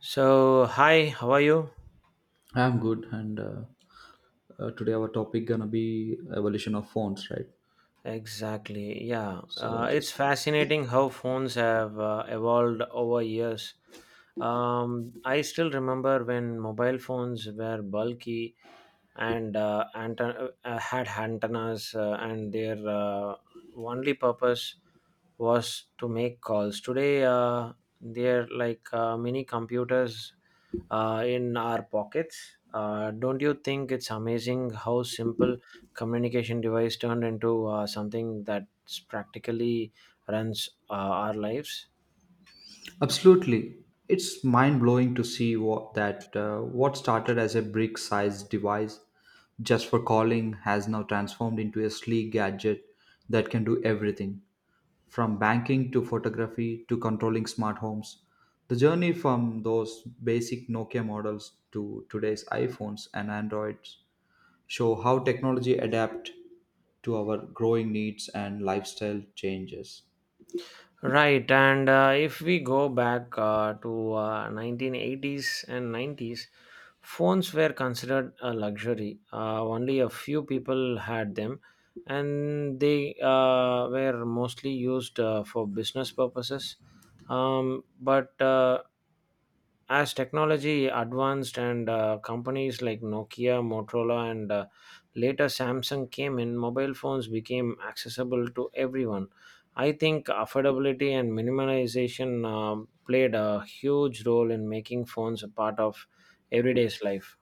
So, hi, how are you? I'm good, and today our topic gonna be evolution of phones, right? Exactly. Yeah. So Uh, just it's fascinating how phones have evolved over years. I still remember when mobile phones were bulky and had antennas, and their only purpose was to make calls. Today, they're like mini computers in our pockets. Don't you think it's amazing how simple communication device turned into something that's practically runs our lives? absolutely, it's mind blowing to see what started as a brick-sized device just for calling has now transformed into a sleek gadget that can do everything from banking to photography to controlling smart homes. The journey from those basic Nokia models to today's iPhones and Androids show how technology adapt to our growing needs and lifestyle changes. Right, and if we go back to 1980s and 90s, phones were considered a luxury. Only a few people had them, and they were mostly used for business purposes. But as technology advanced and companies like Nokia, Motorola, and later Samsung came in, mobile phones became accessible to everyone. I think affordability and minimalization played a huge role in making phones a part of everyday's life.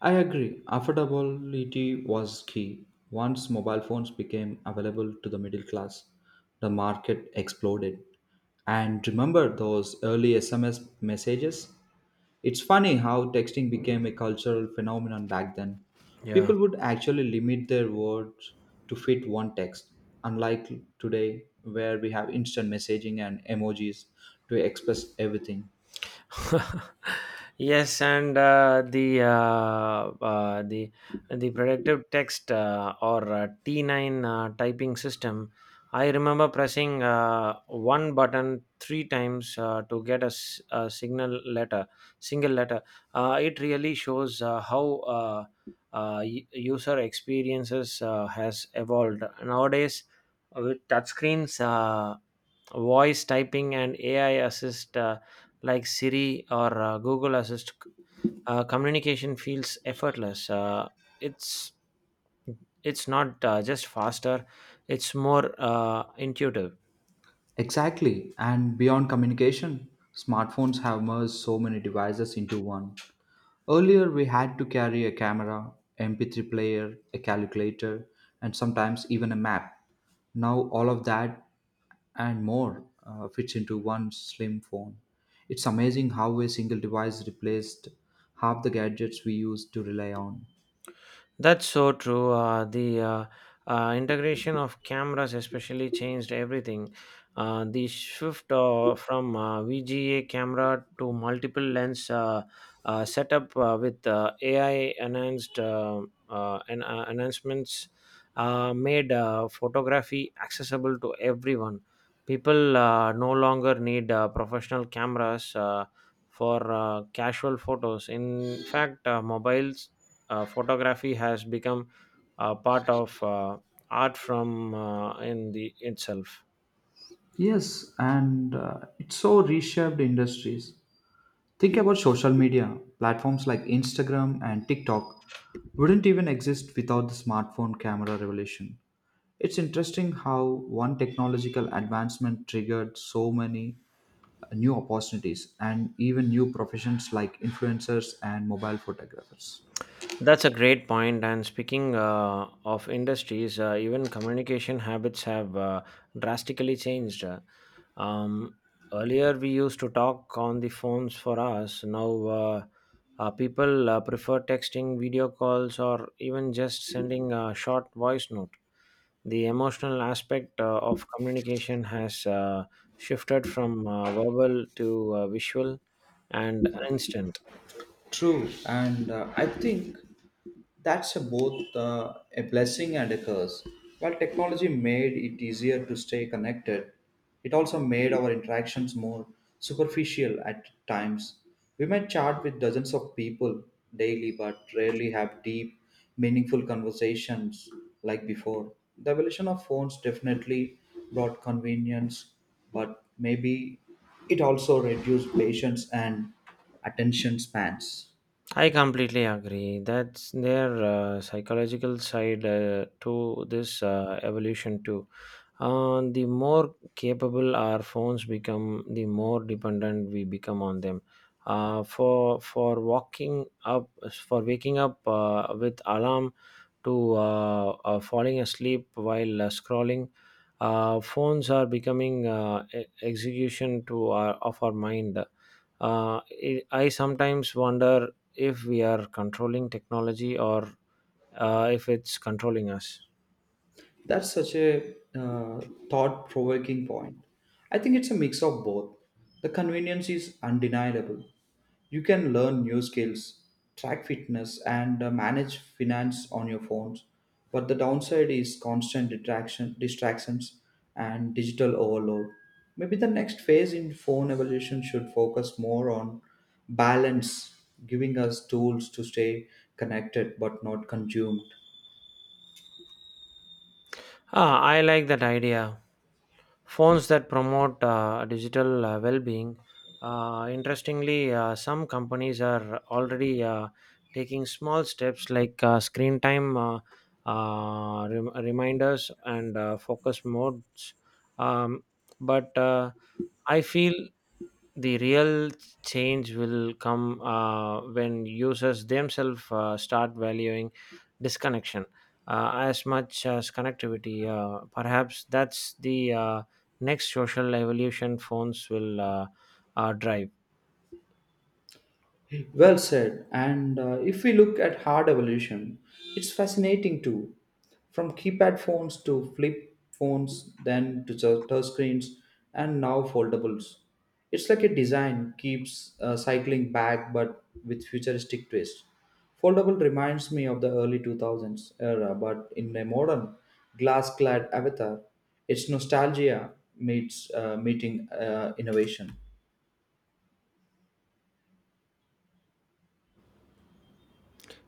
I agree. Affordability was key. Once mobile phones became available to the middle class, the market exploded. And remember those early SMS messages? It's funny how texting became a cultural phenomenon back then. People Yeah. would actually limit their words to fit one text, unlike today, where we have instant messaging and emojis to express everything. Yes, and the predictive text or T9 typing system. I remember pressing one button three times to get a signal letter, single letter. It really shows how user experiences has evolved nowadays with touchscreens. Voice typing and AI assist like Siri or Google Assist, communication feels effortless. It's it's not just faster; it's more intuitive. Exactly. And beyond communication, smartphones have merged so many devices into one. Earlier, we had to carry a camera, MP3 player, a calculator, and sometimes even a map. Now, all of that and more fits into one slim phone. It's amazing how a single device replaced half the gadgets we used to rely on. That's so true. The integration of cameras especially changed everything. The shift from VGA camera to multiple lens setup with AI enhanced enhancements made photography accessible to everyone. People no longer need professional cameras for casual photos. In fact, mobiles photography has become a part of art from in the itself. Yes, and it so reshaped industries. Think about social media. Platforms like Instagram and TikTok wouldn't even exist without the smartphone camera revolution. It's interesting how one technological advancement triggered so many new opportunities and even new professions like influencers and mobile photographers. That's a great point. And speaking of industries even communication habits have drastically changed. um, Earlier we used to talk on the phones for us now uh, people prefer texting video calls or even just sending a short voice note. The emotional aspect of communication has shifted from verbal to visual and instant. True, and I think That's a both a blessing and a curse. While technology made it easier to stay connected, it also made our interactions more superficial at times. We might chat with dozens of people daily but rarely have deep, meaningful conversations like before. The evolution of phones definitely brought convenience, but maybe it also reduced patience and attention spans. I completely agree. That's their psychological side to this evolution too. The more capable our phones become, the more dependent we become on them. For walking up, for waking up with alarm, to falling asleep while scrolling, phones are becoming execution to our of our mind. I sometimes wonder if we are controlling technology or if it's controlling us. That's such a thought provoking point. I think it's a mix of both. The convenience is undeniable. You can learn new skills, track fitness, and manage finance on your phones. But the downside is constant distractions and digital overload. Maybe the next phase in phone evolution should focus more on balance, giving us tools to stay connected but not consumed. Ah, I like that idea. Phones that promote digital well-being. Interestingly, some companies are already taking small steps like screen time reminders and focus modes. Um, but I feel the real change will come when users themselves start valuing disconnection as much as connectivity. Perhaps that's the next social evolution phones will drive. Well said. And If we look at hard evolution, it's fascinating too. From keypad phones to flip phones, then to touch screens, and now foldables. It's like a design keeps cycling back, but with futuristic twist. Foldable reminds me of the early 2000s era, but in a modern, glass-clad avatar. It's nostalgia meets meeting innovation.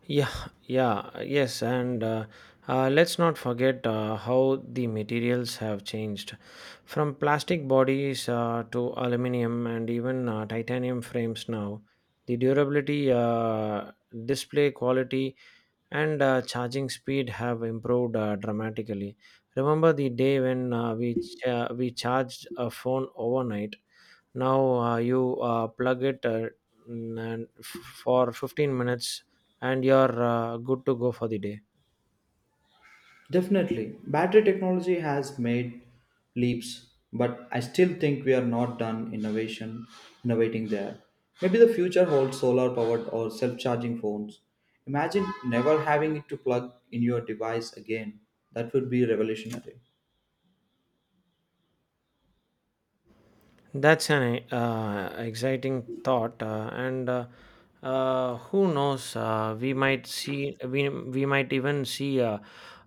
Yeah, yeah, yes, and let's not forget how the materials have changed from plastic bodies to aluminum and even titanium frames now. The durability, display quality, and charging speed have improved dramatically. Remember the day when we charged a phone overnight? Now you plug it n- and f- for 15 minutes and you're good to go for the day. Definitely, battery technology has made leaps, but I still think we are not done innovation innovating there. Maybe the future holds solar powered or self-charging phones. Imagine never having to plug in your device again. That would be revolutionary. That's an exciting thought, and who knows? We might see, we might even see uh,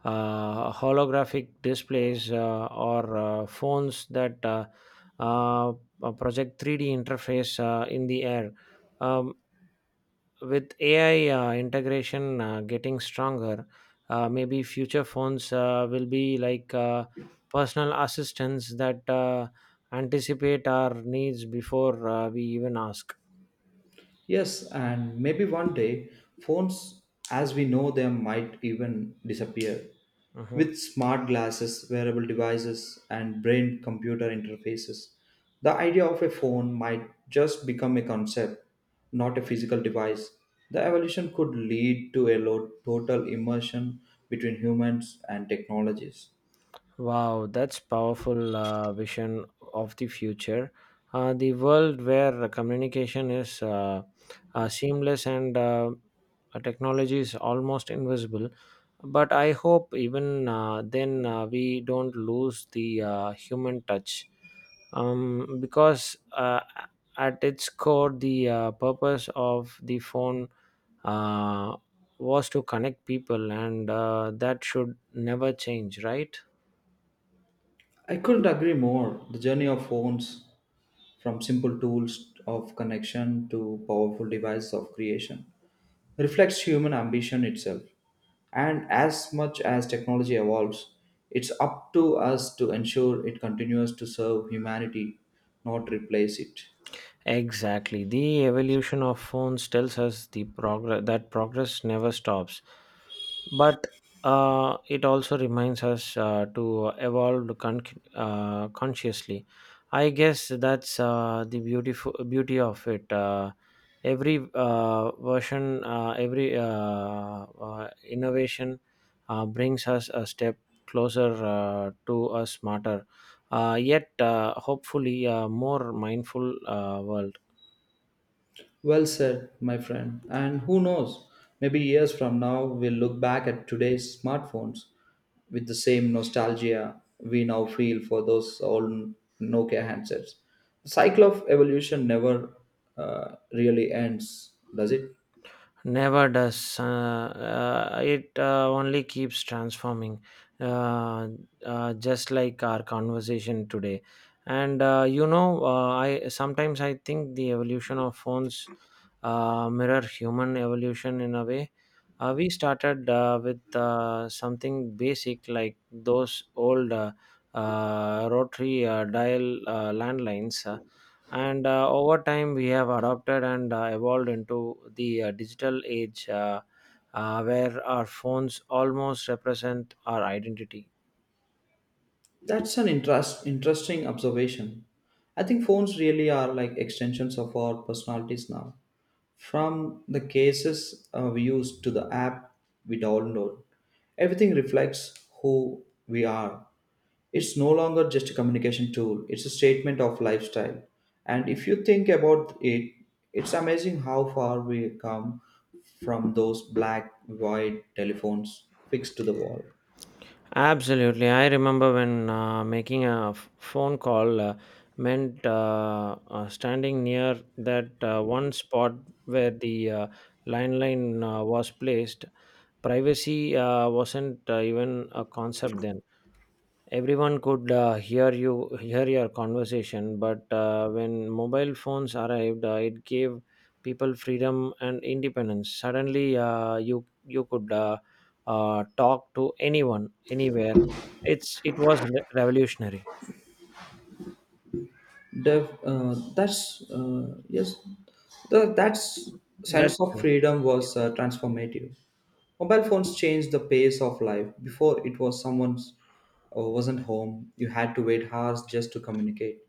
uh, holographic displays or phones that uh, project 3D interface in the air. Um, with AI integration getting stronger, maybe future phones will be like personal assistants that anticipate our needs before we even ask. Yes, and maybe one day phones as we know them might even disappear. Mhm. With smart glasses, wearable devices, and brain computer interfaces, the idea of a phone might just become a concept, not a physical device. The evolution could lead to a total immersion between humans and technologies. Wow, that's powerful vision of the future. The world where communication is seamless and technology is almost invisible. But I hope even then we don't lose the human touch. Because at its core, the purpose of the phone uh, was to connect people, and that should never change, right? I couldn't agree more. The journey of phones from simple tools of connection to powerful devices of creation reflects human ambition itself. And as much as technology evolves, it's up to us to ensure it continues to serve humanity, not replace it. Exactly. The evolution of phones tells us the progress that progress never stops, but it also reminds us to evolve consciously. I guess that's the beautiful beauty of it. Every version, every innovation brings us a step closer to a smarter, yet hopefully more mindful world. Well said, my friend. And who knows, maybe years from now, we'll look back at today's smartphones with the same nostalgia we now feel for those old Nokia handsets. The cycle of evolution never really ends, does it? Never does. It only keeps transforming, uh, just like our conversation today. And you know, I sometimes I think the evolution of phones mirror human evolution in a way. We started with something basic like those old rotary dial landlines. And over time, we have adopted and evolved into the digital age where our phones almost represent our identity. That's an interesting observation. I think phones really are like extensions of our personalities now. From the cases we use to the app we download, everything reflects who we are. It's no longer just a communication tool, it's a statement of lifestyle. And if you think about it, it's amazing how far we come from those black, white telephones fixed to the wall. Absolutely. I remember when phone call meant standing near that one spot where the landline was placed. Privacy wasn't even a concept then. Everyone could hear your conversation, but when mobile phones arrived, it gave people freedom and independence. Suddenly, you could talk to anyone, anywhere. It was revolutionary. Dev, that's Yes, that That's sense of freedom was transformative. Mobile phones changed the pace of life. Before it was someone's wasn't home, you had to wait hours just to communicate.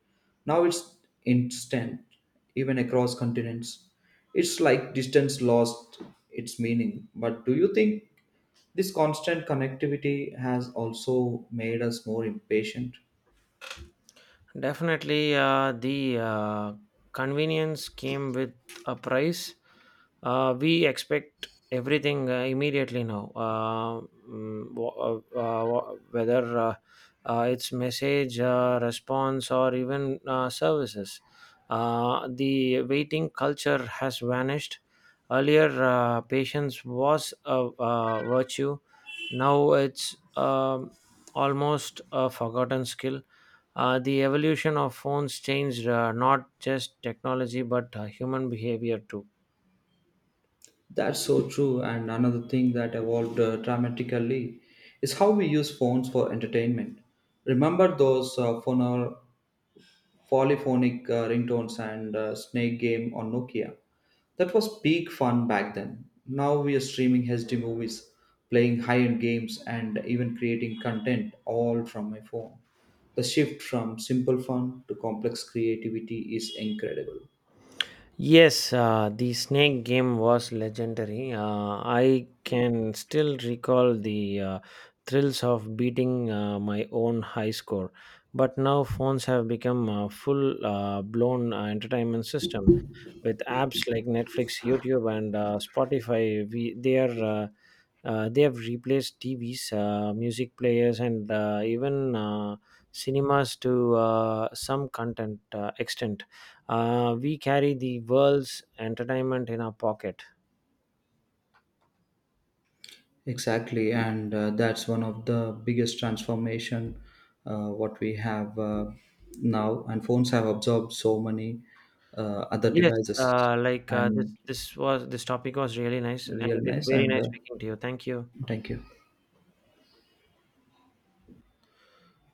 Now it's instant, even across continents. It's like distance lost its meaning. But do you think this constant connectivity has also made us more impatient? Definitely, the convenience came with a price. We expect everything immediately now. Mm, wh- uh, uh, whether it's message, response, or even services, the waiting culture has vanished. Earlier, patience was a virtue. Now it's almost a forgotten skill. The evolution of phones changed not just technology but human behavior too. That's so true. And another thing that evolved dramatically is how we use phones for entertainment. Remember those polyphonic ringtones and snake game on Nokia? That was peak fun back then. Now we are streaming HD movies, playing high end games, and even creating content all from my phone. The shift from simple fun to complex creativity is incredible. Yes, the snake game was legendary. I can still recall the thrills of beating my own high score. But now phones have become a full blown entertainment system. With apps like Netflix, YouTube, and Spotify. We they are they have replaced TVs, music players, and even cinemas to some content extent. We carry the world's entertainment in our pocket. Exactly, and that's one of the biggest transformation what we have now. And phones have absorbed so many other Yes, devices, like and this this was this topic was really nice, and real it's nice. very And nice uh, speaking to you. Thank you. thank you.